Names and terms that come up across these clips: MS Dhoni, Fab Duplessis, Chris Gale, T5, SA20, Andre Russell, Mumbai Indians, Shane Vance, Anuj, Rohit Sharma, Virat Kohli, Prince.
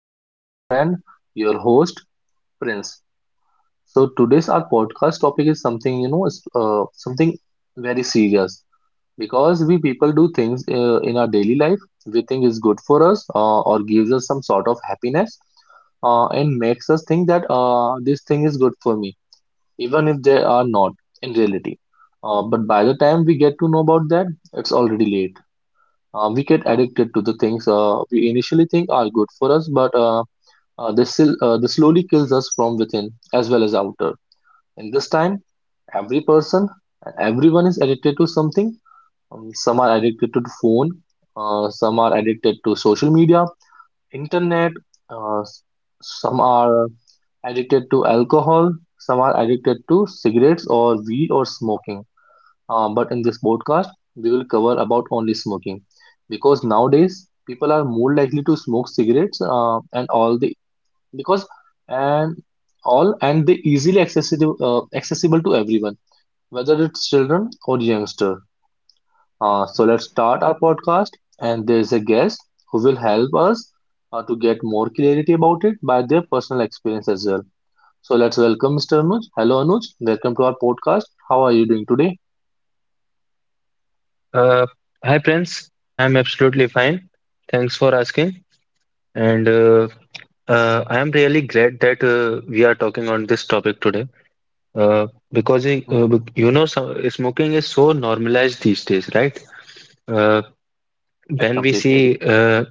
This is your friend, your host, Prince. So today's our podcast topic is something is, something very serious because we people do things in our daily life we think is good for us or gives us some sort of happiness and makes us think that this thing is good for me, even if they are not in reality. But by the time we get to know about that, it's already late. We get addicted to the things we initially think are good for us, but this slowly kills us from within as well as outer. In this time, every person, everyone is addicted to something. Some are addicted to the phone, some are addicted to social media, internet, uh, s- some are addicted to alcohol, some are addicted to cigarettes or weed or smoking. But in this podcast, we will cover about only smoking because nowadays people are more likely to smoke cigarettes and all the because and all and they easily accessible to everyone, whether it's children or youngster. So let's start our podcast, and there is a guest who will help us to get more clarity about it by their personal experience as well. So let's welcome Mr. Anuj. Hello, Anuj. Welcome to our podcast. How are you doing today? Uh, Hi Prince, I'm absolutely fine. Thanks for asking. And I am really glad that we are talking on this topic today uh, because Mhm. uh, bec- smoking is so normalized these days, right? Uh, Right, right, when we completely. see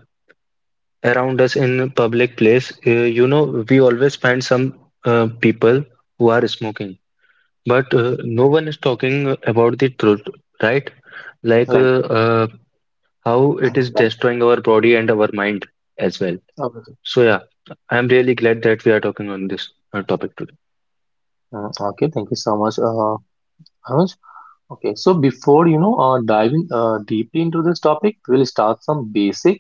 around us in public place, you know we always find some people who are smoking, but no one is talking about the truth, right? Like Right, uh, uh, how it is right. destroying our body and our mind as well. Okay. So yeah, I'm really glad that we are talking on this topic today. Okay, thank you so much, Anuj. Okay, so before diving deeply into this topic, we'll start some basic.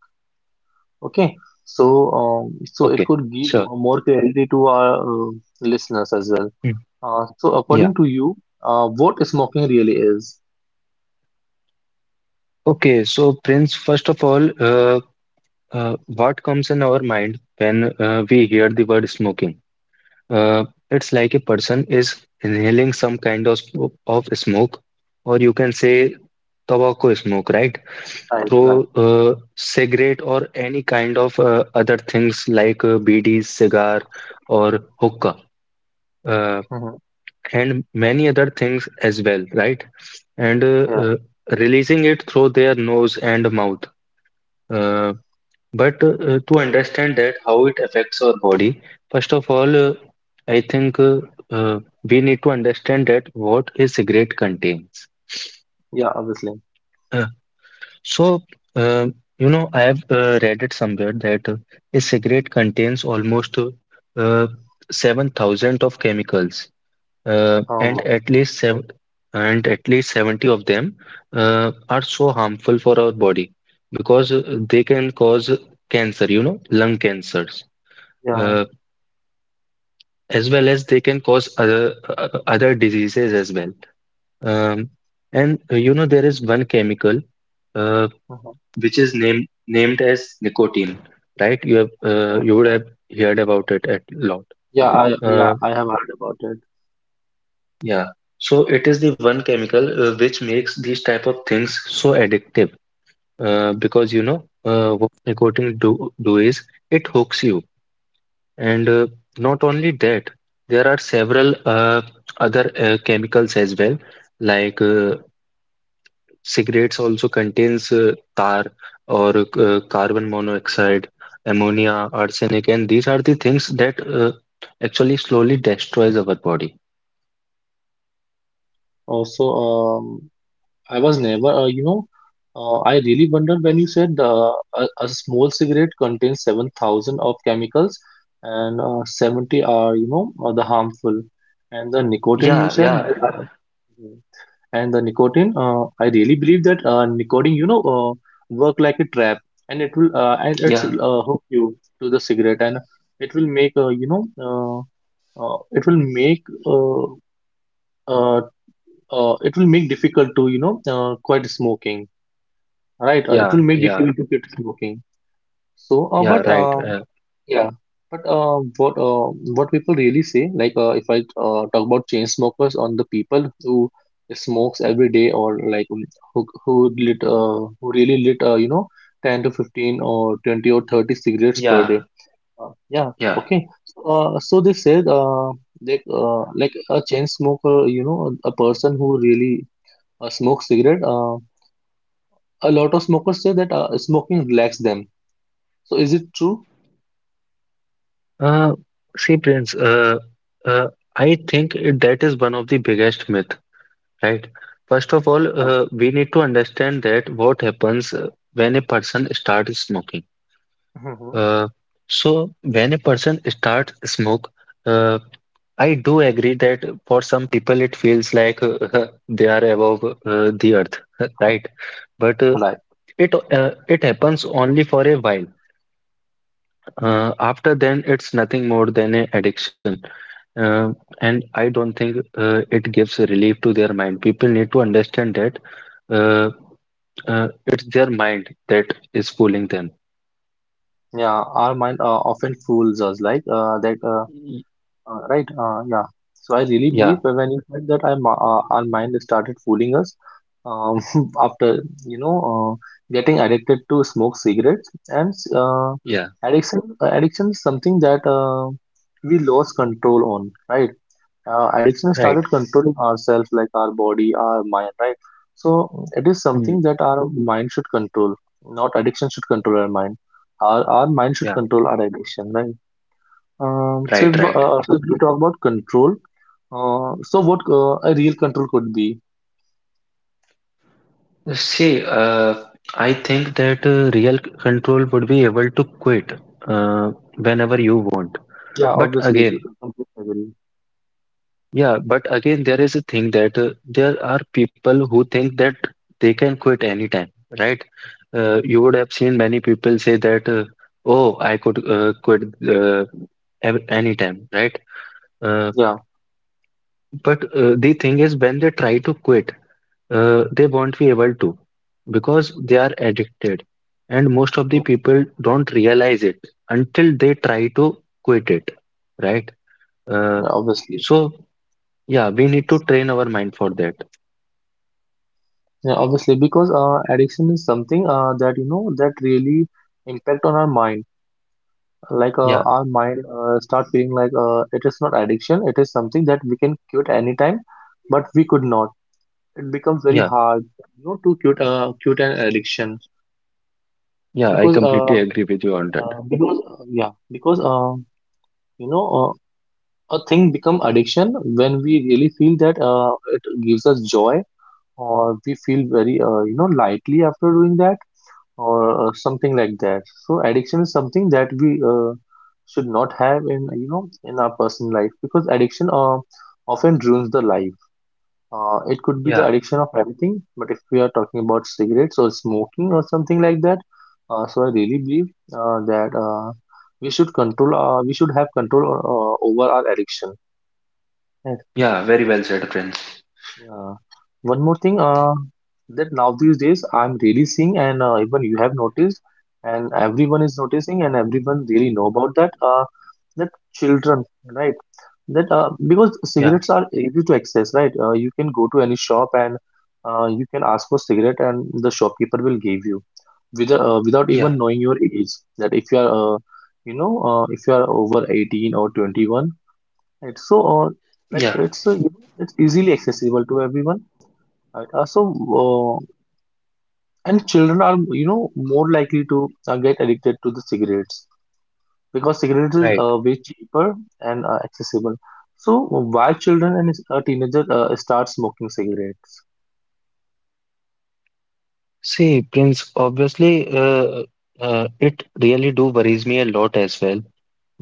Okay, so it Okay, could give sure. more clarity to our listeners as well. Hmm. So Yeah. according to you, what smoking really is? Okay, so Prince, first of all, what comes in our mind when we hear the word smoking? Uh, it's like a person is inhaling some kind of smoke, or you can say tobacco smoke, right? Right, right. Through cigarette or any kind of other things like BDs, cigar or hookah, uh, Hmm. and many other things as well, right? And Yeah, releasing it through their nose and mouth. Uh, but to understand that how it affects our body, first of all, I think we need to understand that what a cigarette contains. yeah, obviously. Uh, So, uh, you know, I have read it somewhere that a cigarette contains almost uh, 7,000 of chemicals, and Um, at least seven, and at least 70 of them are so harmful for our body because they can cause cancer, you know, lung cancers, yeah, uh, as well as they can cause other diseases as well. Um, and you know, there is one chemical. Uh, mhm, which is named as nicotine, right? You have yeah, uh, you would yeah. have heard about it a lot. Yeah, I yeah Uh, I have heard about it. yeah. So it is the one chemical which makes these type of things so addictive. Because you know what nicotine do is it hooks you, and not only that, there are several other chemicals as well, like cigarettes also contains tar or carbon monoxide, ammonia, arsenic, and these are the things that actually slowly destroys our body. Also, I was never, I really wondered when you said a small cigarette contains 7,000 of chemicals and 70 are the harmful. And the nicotine you Yeah, said yeah, that, Mhm. And the nicotine, I really believe that nicotine, work like a trap, and it will, and it's yeah, hook you to the cigarette, and it will make, uh, you know, uh, uh, it will make, uh, uh, it will make difficult to, quit smoking. Right, it yeah, will make yeah, difficult to quit smoking. So, yeah, but right. Yeah, but what people really say, like if I talk about chain smokers on the people who smokes every day, or like who really lit 10 to 15 or 20 or 30 cigarettes per Yeah, day. Yeah, yeah. okay. So they said they like a chain smoker, you know, a person who really smokes cigarette. A lot of smokers say that smoking relaxes them. So is it true? Uh, see, Prince, uh, I think that is one of the biggest myth, right? First of all, Uh, we need to understand that what happens when a person starts smoking. Mhm. Uh, so when a person starts smoke, uh, I do agree that for some people it feels like they are above the earth, right? But uh, Like, it uh, it happens only for a while. After then, it's nothing more than an addiction, uh, and I don't think it gives relief to their mind. People need to understand that uh, it's their mind that is fooling them. yeah, our mind often fools us, like that, Y- right? Yeah. So I really believe Yeah, when you said that, our mind started fooling us, um, after getting addicted to smoke cigarettes, and yeah, addiction is something that we lost control on, right? Addiction has right. started controlling ourselves, like our body, our mind, right? So it is Hmm, something that our mind should control, not addiction should control our mind. Our mind should yeah, control our addiction, right? So if, right, right. We talk about control. So what a real control could be. See, I think that real control would be able to quit whenever you want. Yeah, But obviously, again, completely agree. yeah, but again, there is a thing that there are people who think that they can quit anytime, right? You would have seen many people say that, oh, I could quit uh, anytime, right? Uh, Yeah, but the thing is, when they try to quit, they won't be able to because they are addicted, and most of the okay, people don't realize it until they try to quit it, right? uh, yeah, obviously. so yeah, we need to train our mind for that. Yeah, obviously, because addiction is something that you know that really impact on our mind like Yeah, our mind start feeling like it is not addiction it is something that we can quit anytime but we could not it becomes very yeah, hard you know to quit quit an addiction yeah, I because completely agree with you on that. uh, because uh, yeah because uh, you know a thing become addiction when we really feel that it gives us joy, or we feel very you know lightly after doing that, or something like that. So addiction is something that we should not have in you know in our personal life because addiction often ruins the life. It could be the Yeah. addiction of everything, but if we are talking about cigarettes or smoking or something like that, so I really believe that we should control. We should have control over our addiction. Yeah, very well said, Prince. Uh, One more thing that now these days I'm really seeing, and even you have noticed, and everyone is noticing, and everyone really know about that. That children, right? That because Yeah. cigarettes are easy to access, right? You can go to any shop and you can ask for cigarette, and the shopkeeper will give you without even Yeah, knowing your age. That if you are, you know, if you are over 18 or 21, right? So like yeah. it's easily accessible to everyone. Right. Uh, and children are, you know, more likely to get addicted to the cigarettes because cigarettes is Right. Way cheaper and accessible. So, why children and teenagers start smoking cigarettes? See, Prince, obviously, uh, it really do worries me a lot as well.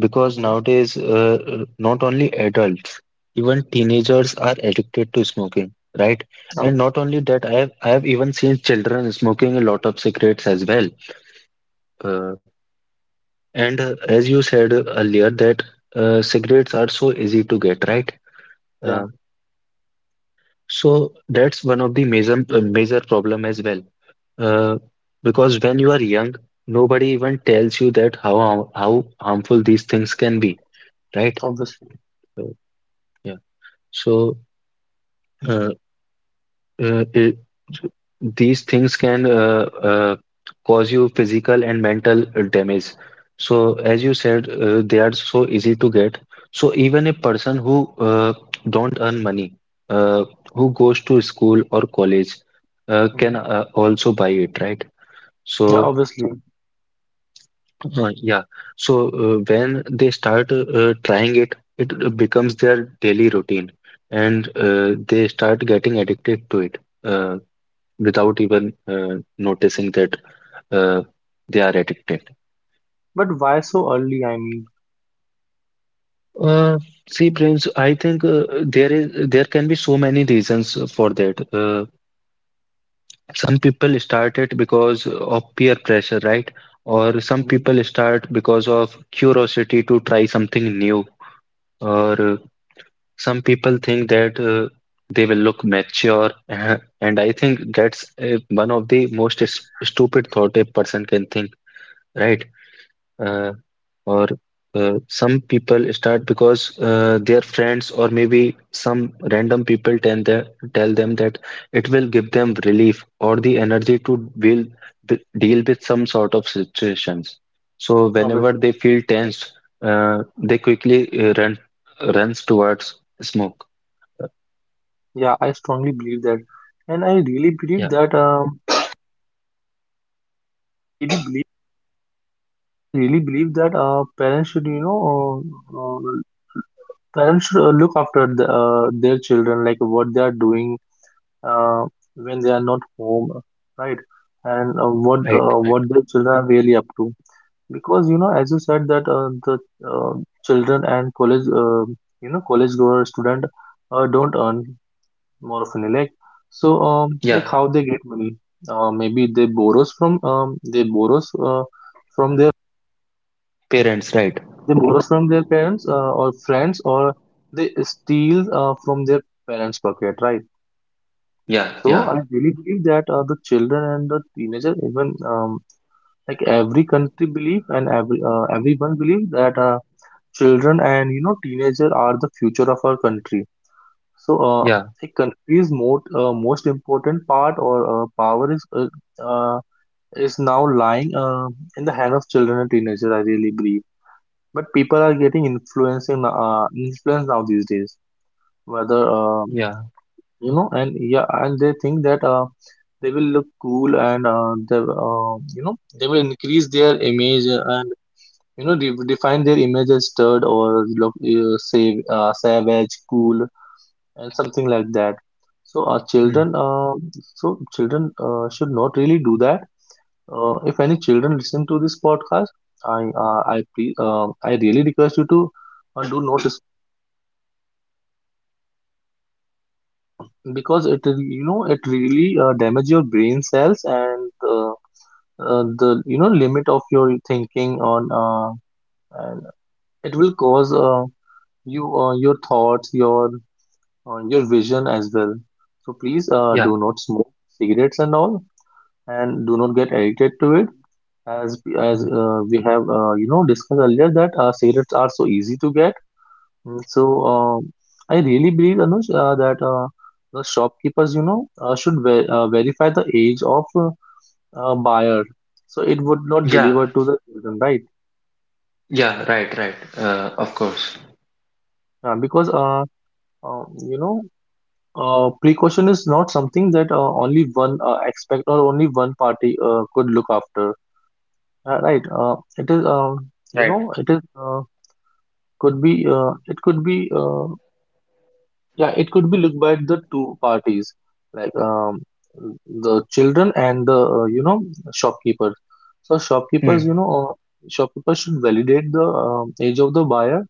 Because Mm-hmm. nowadays, not only adults, even teenagers are addicted to smoking, right? And not only that, I have even seen children smoking a lot of cigarettes as well. Uh, and as you said earlier, that cigarettes are so easy to get, right? Yeah, Uh, so that's one of the major problem as well. Uh, because when you are young, nobody even tells you that how harmful these things can be, right? obviously. Uh, yeah. So. Uh, uh, it, these things can uh, cause you physical and mental damage. So, as you said, they are so easy to get. So, even a person who don't earn money, uh, who goes to school or college, can Hmm. Also buy it, right? Yeah, So, obviously. Yeah. So, when they start trying it, it becomes their daily routine, and they start getting addicted to it. Uh, Without even noticing that uh, they are addicted. But why so early? I mean, Uh, see, Prince, I think there can be so many reasons for that. Some people start it because of peer pressure, right? Or some mhm, people start because of curiosity to try something new. Or some people think that they will look mature, and I think that's one of the most stupid thought a person can think, right? Uh, or some people start because their friends or maybe some random people tell them that it will give them relief or the energy to deal with some sort of situations. So whenever obviously. they feel tense, they quickly run runs towards smoke. Yeah, I strongly believe that, and I really Yeah, believe that. I really believe. I really believe that uh, uh, Parents should look after their children, like what they are doing uh, when they are not home, right? And what right, uh, right. what their children are really up to. Because you know, as you said that the uh, children and college goer student don't earn more of often. Like, so, like Yeah, how they get money? Maybe from their parents, right? they borrow from their parents or friends, or they steal from their parents' pocket, right? Yeah, So I yeah. really believe that the children and the teenager, even like every country believe and everyone believe that children and teenager are the future of our country. So Yeah, a country's most important part or power uh, is now lying in the hand of children and teenagers. I really believe. But people are getting influencing influence now these days, whether yeah, you know, and yeah, and they think that they will look cool, and they you know they will increase their image and you know, define their image as stud or look savage, cool, and something like that. So children mm, uh, so children should not really do that. If any children listen to this podcast, I really request you to do not. Because it really damage your brain cells, and uh, the limit of your thinking on and it will cause your thoughts, your vision as well. So please yeah, do not smoke cigarettes and all, and do not get addicted to it, as mm, we have discussed earlier that cigarettes are so easy to get. Mm, so, I really believe, Anuj, that the shopkeepers, you know, should verify the age of buyer, so it would not yeah, deliver to the children, right? yeah. Right, right. Of course. Because, uh, you know, precaution is not something that only one expect or only one party could look after, right? It is, Right. Could be yeah, it could be looked by the two parties, like the children and the shopkeepers. So shopkeepers, you Hmm. know, uh, shopkeepers should validate the age of the buyer.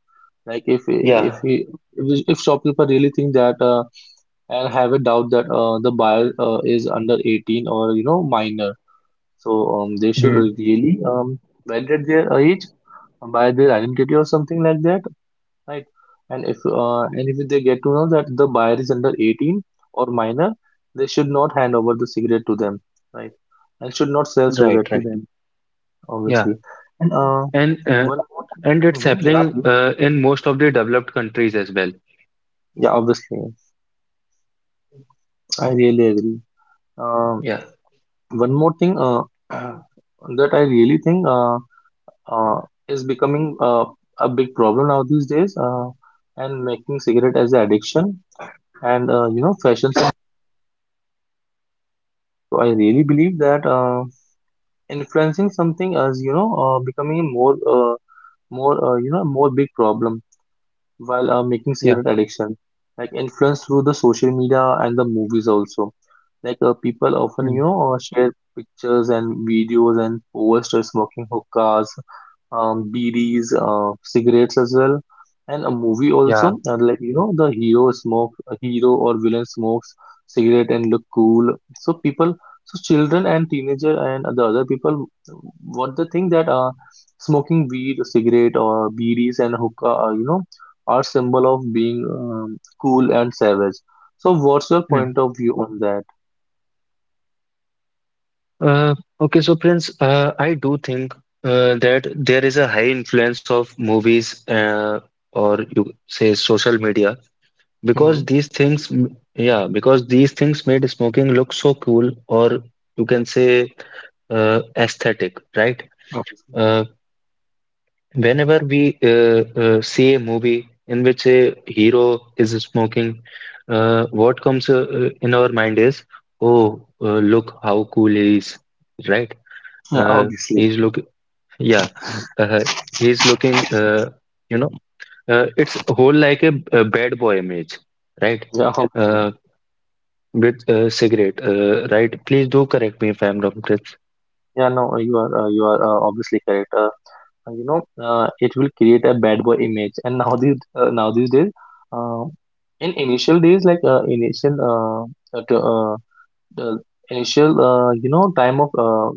Like if Yeah. he if shopkeeper really think that and have a doubt that the buyer is under 18 or minor, so they should Hmm. really validate their age by their identity or something like that, right? And if they get to know that the buyer is under 18 or minor, they should not hand over the cigarette to them, right? And should not sell Right, cigarette to right. them, Yeah. obviously. And And one more thing, and it's mhm, yeah, happening please. In most of the developed countries as well. Yeah, obviously, I really agree. Uh, Yeah. One more thing that I really think uh, is becoming a big problem now these days, and making cigarette as an addiction and fashion sense. So I really believe that. Influencing something as becoming a more more you know more big problem while making Yeah. cigarette addiction like influence through the social media and the movies also, like people often Mm. Share pictures and videos and post of smoking hookahs, BDs, cigarettes as well, and a movie Yeah. also. And like you know, the hero smoke, a hero or villain smokes cigarette and look cool. So people, so children and teenager and the other people, what they think that smoking weed, cigarette or BDs and hookah, you know, are symbol of being cool and savage. So what's your Mm. point of view on that? Uh, okay, so Prince, I do think that there is a high influence of movies or you say social media Hmm. because these things, m- yeah, because these things made smoking look so cool or you can say aesthetic, right? Obviously. Uh. Whenever we see a movie in which a hero is smoking, what comes in our mind is, oh, look how cool he is, right? Yeah, Uh, obviously. he's look, yeah, uh, he's looking, you know, it's whole like a bad boy image, right? Yeah, obviously. Uh, with cigarette, right? Please do correct me if I'm wrong, Chris. Yeah, no, you are obviously correct. You know, it will create a bad boy image. And now these days, uh, in initial days, like initial the initial you know time of uh,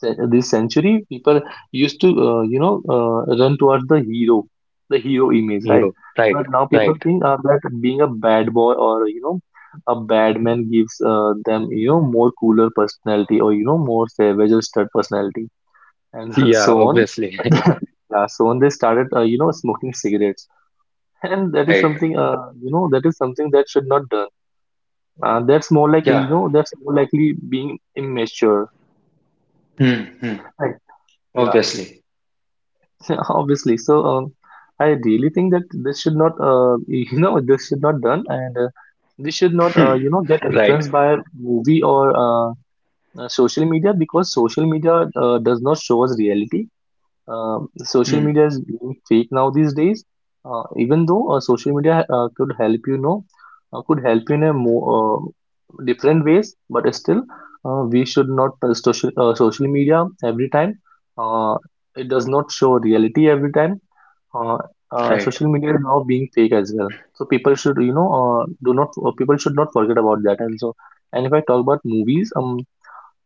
ce- this century people used to run towards the hero, the hero image, right? Hero, right? But now people Right? think that being a bad boy or you know a bad man gives them you know more cooler personality or you know more savage or stud personality and Yeah, so on. obviously, Yeah, so on they started smoking cigarettes, and that is right? Something that should not done. That's more like you Yeah. know, that's more likely being immature. Hmm, hmm. Right. Yeah, Obviously. obviously. So, I really think that this should not, you know, this should not done, and we should not, Hmm. you know, get Right. influenced by movie or social media, because social media does not show us reality. Social Hmm. media is being fake now these days. Even though social media could help you know, could help you in a more different ways, but still, we should not trust social media every time. Uh, it does not show reality every time. Uh, Right. Social media is now being fake as well. So people should you know do not people should not forget about that. And so, and if I talk about movies, um,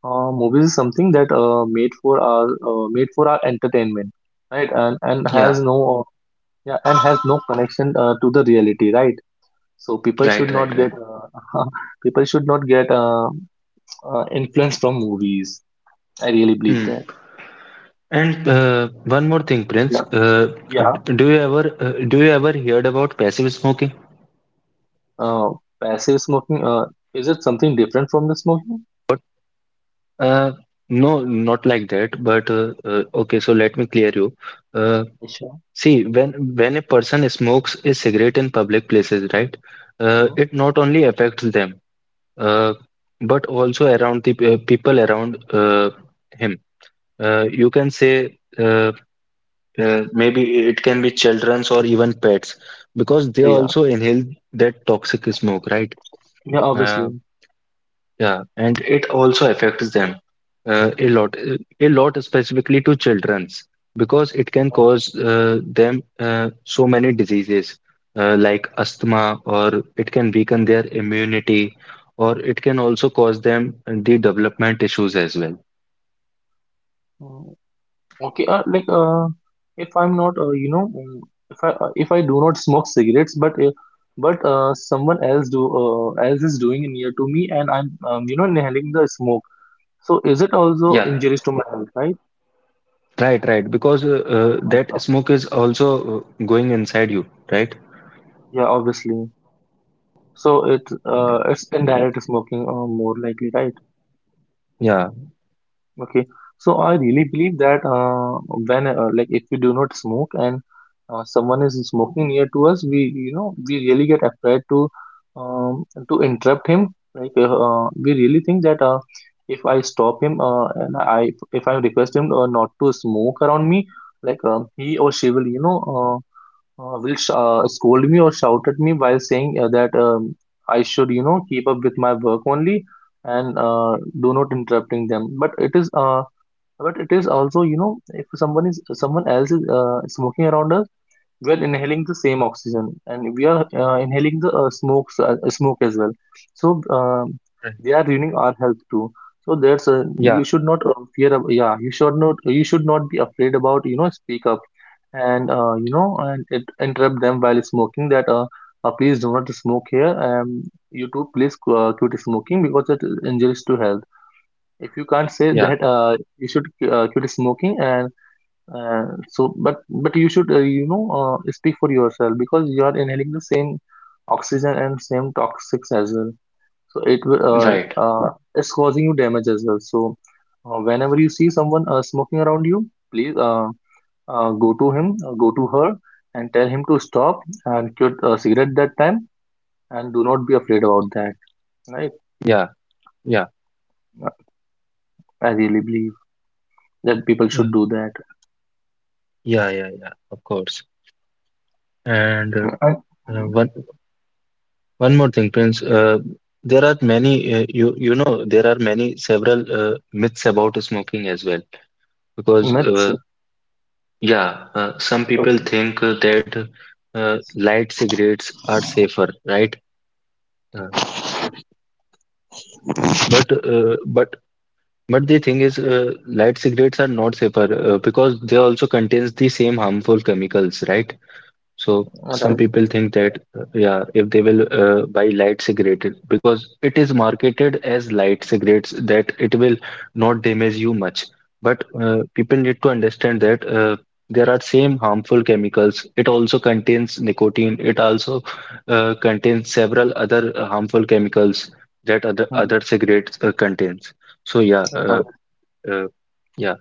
uh, movies is something that made for our entertainment, right? And has Yeah. no yeah, and has no connection to the reality, right? So people Right. should Right. not get Right. People should not get influence from movies. I really believe Hmm. that. And one more thing, Prince. Yeah, Uh, yeah. d- do you ever uh, do you ever heard about passive smoking? Uh, Passive smoking, is it something different from the smoking? Uh, no, not like that. But okay, so let me clear you. Uh, Sure. See, when a person smokes a cigarette in public places, right? Mhm. It not only affects them, uh, but also around the people around him. You can say. Maybe it can be children's or even pets because they Yeah, also inhale that toxic smoke, right? yeah, uh, obviously. yeah, and it also affects them a lot specifically to children's because it can cause them so many diseases like asthma, or it can weaken their immunity, or it can also cause them the development issues as well. Yeah. Okay, if I'm not, if I do not smoke cigarettes, but someone else is doing it near to me, and I'm you know inhaling the smoke. So is it also Yeah, injurious to my health, right? right, right, because Oh my that God. smoke is also going inside you, right? Yeah, obviously. So Yeah, it's indirect smoking more likely, right? yeah, Okay, so I really believe that when like if we do not smoke and someone is smoking near to us, we you know we really get afraid um, to interrupt him. Like we really think that if I stop him and I if I request him not to smoke around me, like he or she will scold me or shout at me while saying that I should, you know, keep up with my work only and do not interrupting them. But it is also, you know, if someone else is smoking around us, we inhaling the same oxygen and we are inhaling the smoke as well, so right. they are ruining our health too. So there's a, you Yeah, should not yeah, you should not be afraid about you know speak up, and you know and it, interrupt them while smoking that please do not smoke here, you too please quit smoking because it injures to health. If you can't say yeah, that you should quit smoking and so but you should speak for yourself because you are inhaling the same oxygen and same toxics as well. So it will right. uh, uh, it's causing you damage as well. So whenever you see someone smoking around you, please go to him, go to her and tell him to stop and quit cigarette that time, and do not be afraid about that, right? Yeah, yeah, Uh, I really believe that people yeah, should do that. yeah, yeah, yeah, of course. And uh, And, uh, mhm. one one more thing, Prince. There are many you you know there are many several myths about smoking as well because That's yeah, some people okay. think that light cigarettes are safer, right? Uh, but uh, but but the thing is, light cigarettes are not safer because they also contains the same harmful chemicals, right? So All some right. people think that yeah, if they will buy light cigarette because it is marketed as light cigarettes that it will not damage you much. But people need to understand that there are same harmful chemicals. It also contains nicotine. It also contains several other harmful chemicals that other Mhm. other cigarettes contains. So yeah, All right. uh, yeah.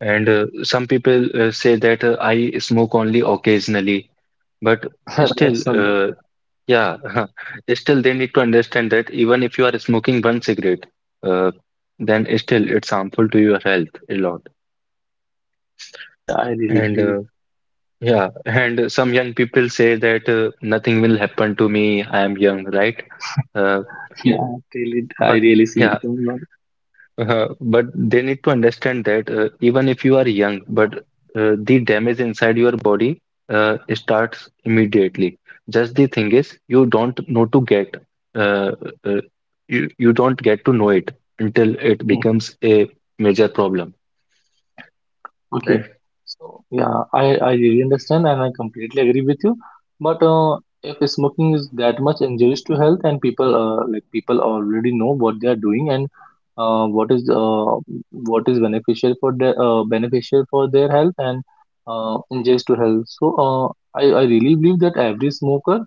And some people say that I smoke only occasionally. But still, That's something. Yeah, still they need to understand that even if you are smoking one cigarette, uh, then still it's harmful to your health a lot. Yeah, I really And believe. uh, yeah, and some young people say that nothing will happen to me, I am young, right? Uh, Yeah, I but really see yeah, it going on. but they need to understand that even if you are young, but the damage inside your body starts immediately. Just the thing is, you don't know to get uh, uh, you don't get to know it until it becomes a major problem. Okay. Right? So yeah, I really understand and I completely agree with you. But if smoking is that much injurious to health and people like people already know what they are doing and uh, what is uh, what is beneficial for their health and injurious to health. So I really believe that every smoker,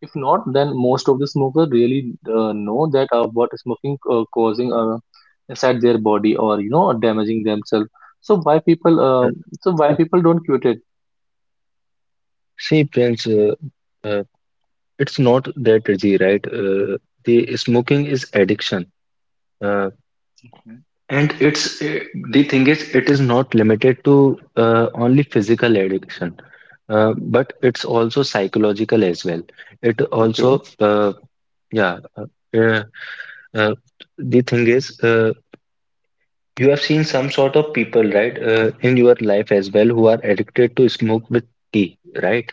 if not, then most of the smoker really know that what smoking causing inside their body or you know damaging themselves. So why people Uh, so why people don't quit it? See, Prince, uh, it's not that easy, right? The smoking is addiction. Uh, Mhm, And the thing is, it is not limited to only physical addiction, mhm. but it's also psychological as well. It Okay. also, yeah, uh, uh, uh, the thing is, you have seen some sort of people, right, in your life as well, who are addicted to smoke with tea, right?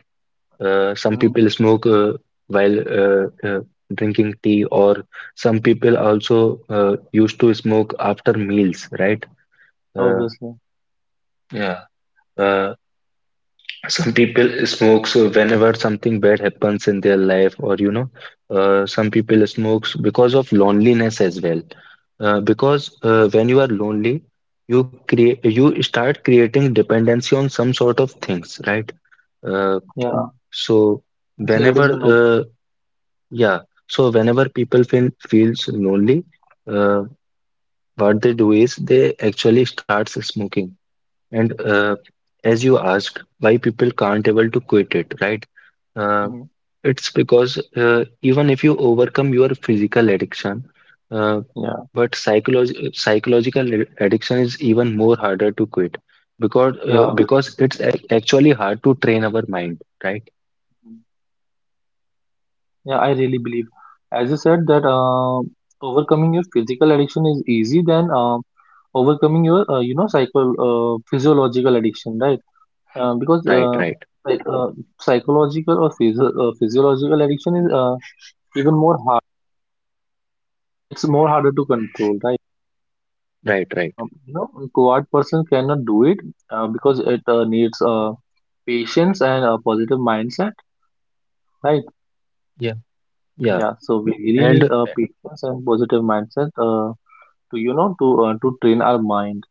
Some Hmm. people smoke while drinking tea, or some people also used to smoke after meals, right? Uh, Obviously. yeah. Uh, some people smokes whenever something bad happens in their life, or you know, some people smokes because of loneliness as well. Because when you are lonely, you create you start creating dependency on some sort of things, right? Uh, Yeah. So Yeah, it whenever is one of. uh, yeah, so whenever people feels lonely, uh, what they do is they actually starts smoking. And as you asked, why people can't able to quit it, right? Uh, Hmm. it's because even if you overcome your physical addiction, uh, Yeah. but psychological addiction is even more harder to quit because Yeah, obviously. it's ac actually hard to train our mind, right? Mhm. Yeah, I really believe. As you said that overcoming your physical addiction is easy than overcoming your you know psycho physiological addiction, right? Because Right, right. like Psychological or physiological addiction is even more hard. It's more harder to control, right? And Right, right. Quiet person cannot do it, because it needs patience and a positive mindset, right? Yeah, yeah. Yeah, so we really need And patience and positive mindset to train our mind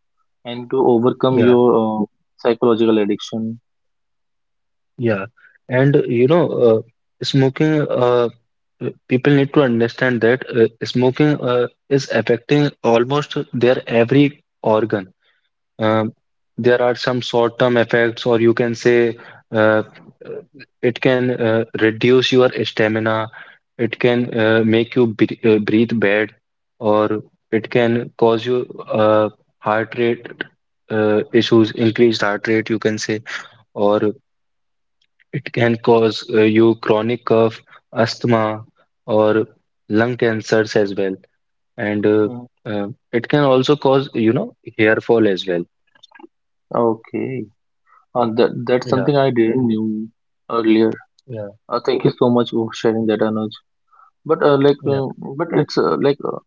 and to overcome yeah. your psychological addiction. Yeah, and you know, uh, smoking, uh, people need to understand that smoking is affecting almost their every organ. Um, there are some short-term effects, or you can say uh, uh, it can reduce your stamina, it can make you breathe bad, or it can cause you uh, heart rate issues, increased heart rate, you can say, or it can cause you chronic cough, asthma, or lung cancers as well. And uh, Mm, uh, it can also cause, you know, hair fall as well. okay, that's Yeah, something I didn't knew earlier. yeah, Thank you so much for sharing that, Anuj. But like yeah. But it's like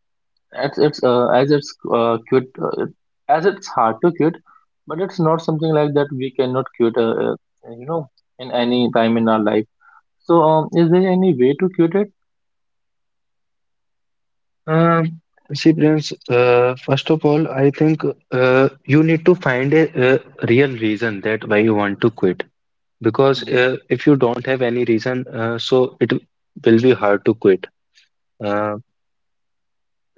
It's as it's cute, as it's hard to cute, but it's not something like that we cannot cute, you know, in any time in our life. So, is there any way to cute it? Um, see, Prince, first of all, I think you need to find a real reason that why you want to quit. Because Hmm. If you don't have any reason, so it will be hard to quit. Uh,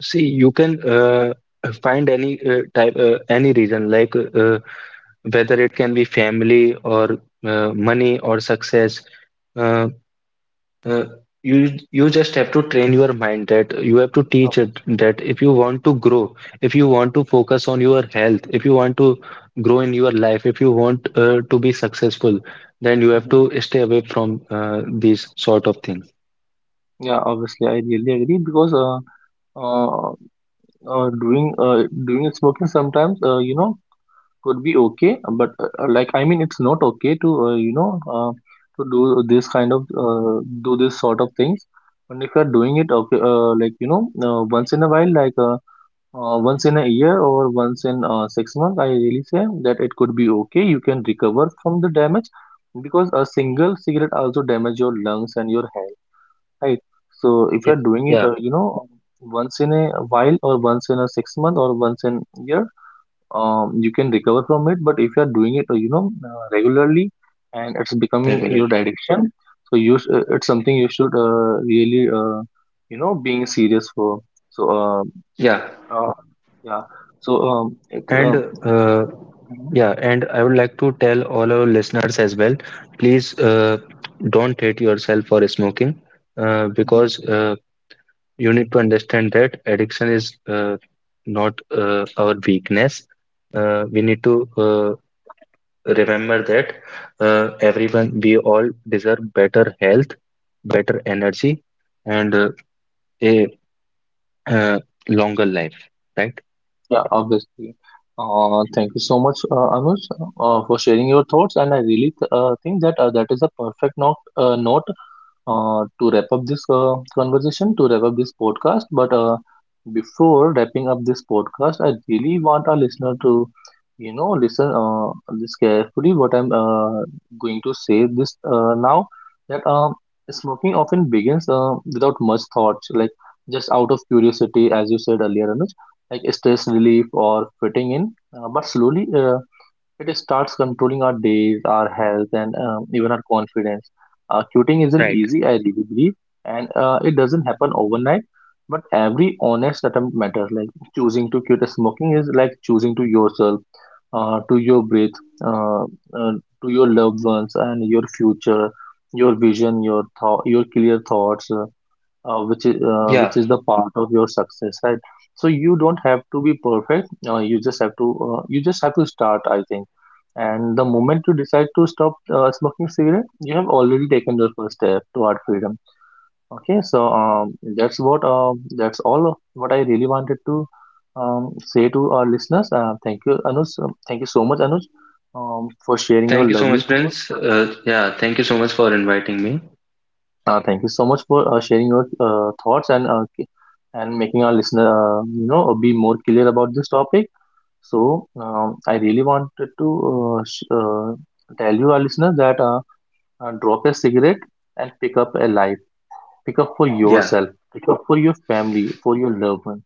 See, you can find any any reason like. Whether it can be family or money or success, uh, uh, you you just have to train your mind, that you have to teach it that if you want to grow, if you want to focus on your health, if you want to grow in your life, if you want to be successful, then you have to Hmm. stay away from these sort of things. Yeah, obviously, I really agree because uh, doing smoking sometimes, you know, could be okay, but like I mean it's not okay to you know uh, to do this kind of do this sort of things. And if you're doing it okay, like you know once in a while, like once in a year or once in 6 months, I really say that it could be okay, you can recover from the damage, because a single cigarette also damage your lungs and your health, right? So if Yeah, you're doing it yeah, once in a while or once in a 6 month or once in a year, you can recover from it. But if you are doing it regularly and it's becoming regularly. your addiction, it's something you should really being serious for. So Yeah. uh, yeah. So it And uh, mhm, yeah, and I would like to tell all our listeners as well, please don't hate yourself for smoking mhm. because you need to understand that addiction is not our weakness. We need to remember that everyone, we all deserve better health, better energy, and a uh, longer life, right? Yeah, obviously. Thank you so much, Anush, for sharing your thoughts, and I think that that is a perfect note, to wrap up this conversation, to wrap up this podcast. But before wrapping up this podcast, I really want our listener to, you know, listen this carefully. What I'm going to say this now that smoking often begins without much thoughts, like just out of curiosity, as you said earlier, Anuj, like stress relief or fitting in. But slowly, it starts controlling our days, our health, and even our confidence. Quitting isn't Right. easy, I really believe, and it doesn't happen overnight. But every honest attempt matters. Like choosing to quit smoking is like choosing to yourself, to your breath, uh, uh, to your loved ones, and your future, your vision, your thought, your clear thoughts. Which is the part of your success, right? So you don't have to be perfect, you just have to start, I think. And the moment you decide to stop smoking cigarette, you have already taken your first step toward freedom. Okay, so that's all of what I really wanted to say to our listeners. Thank you so much, Anuj, for sharing your Thank you so lovely much, Prince. thoughts. Yeah, thank you so much for inviting me. Thank you so much for sharing your thoughts and and making our listener be more clear about this topic. So I really wanted to tell you our listener that drop a cigarette and pick up a life. Pick up for Yeah, yourself. Pick up for your family, for your loved one.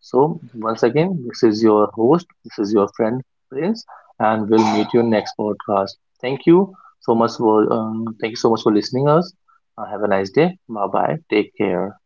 So, once again, this is your host, this is your friend Prince, and we'll meet you next podcast. Thank you so much for thank you so much for listening us. Have a nice day. Bye bye. Take care.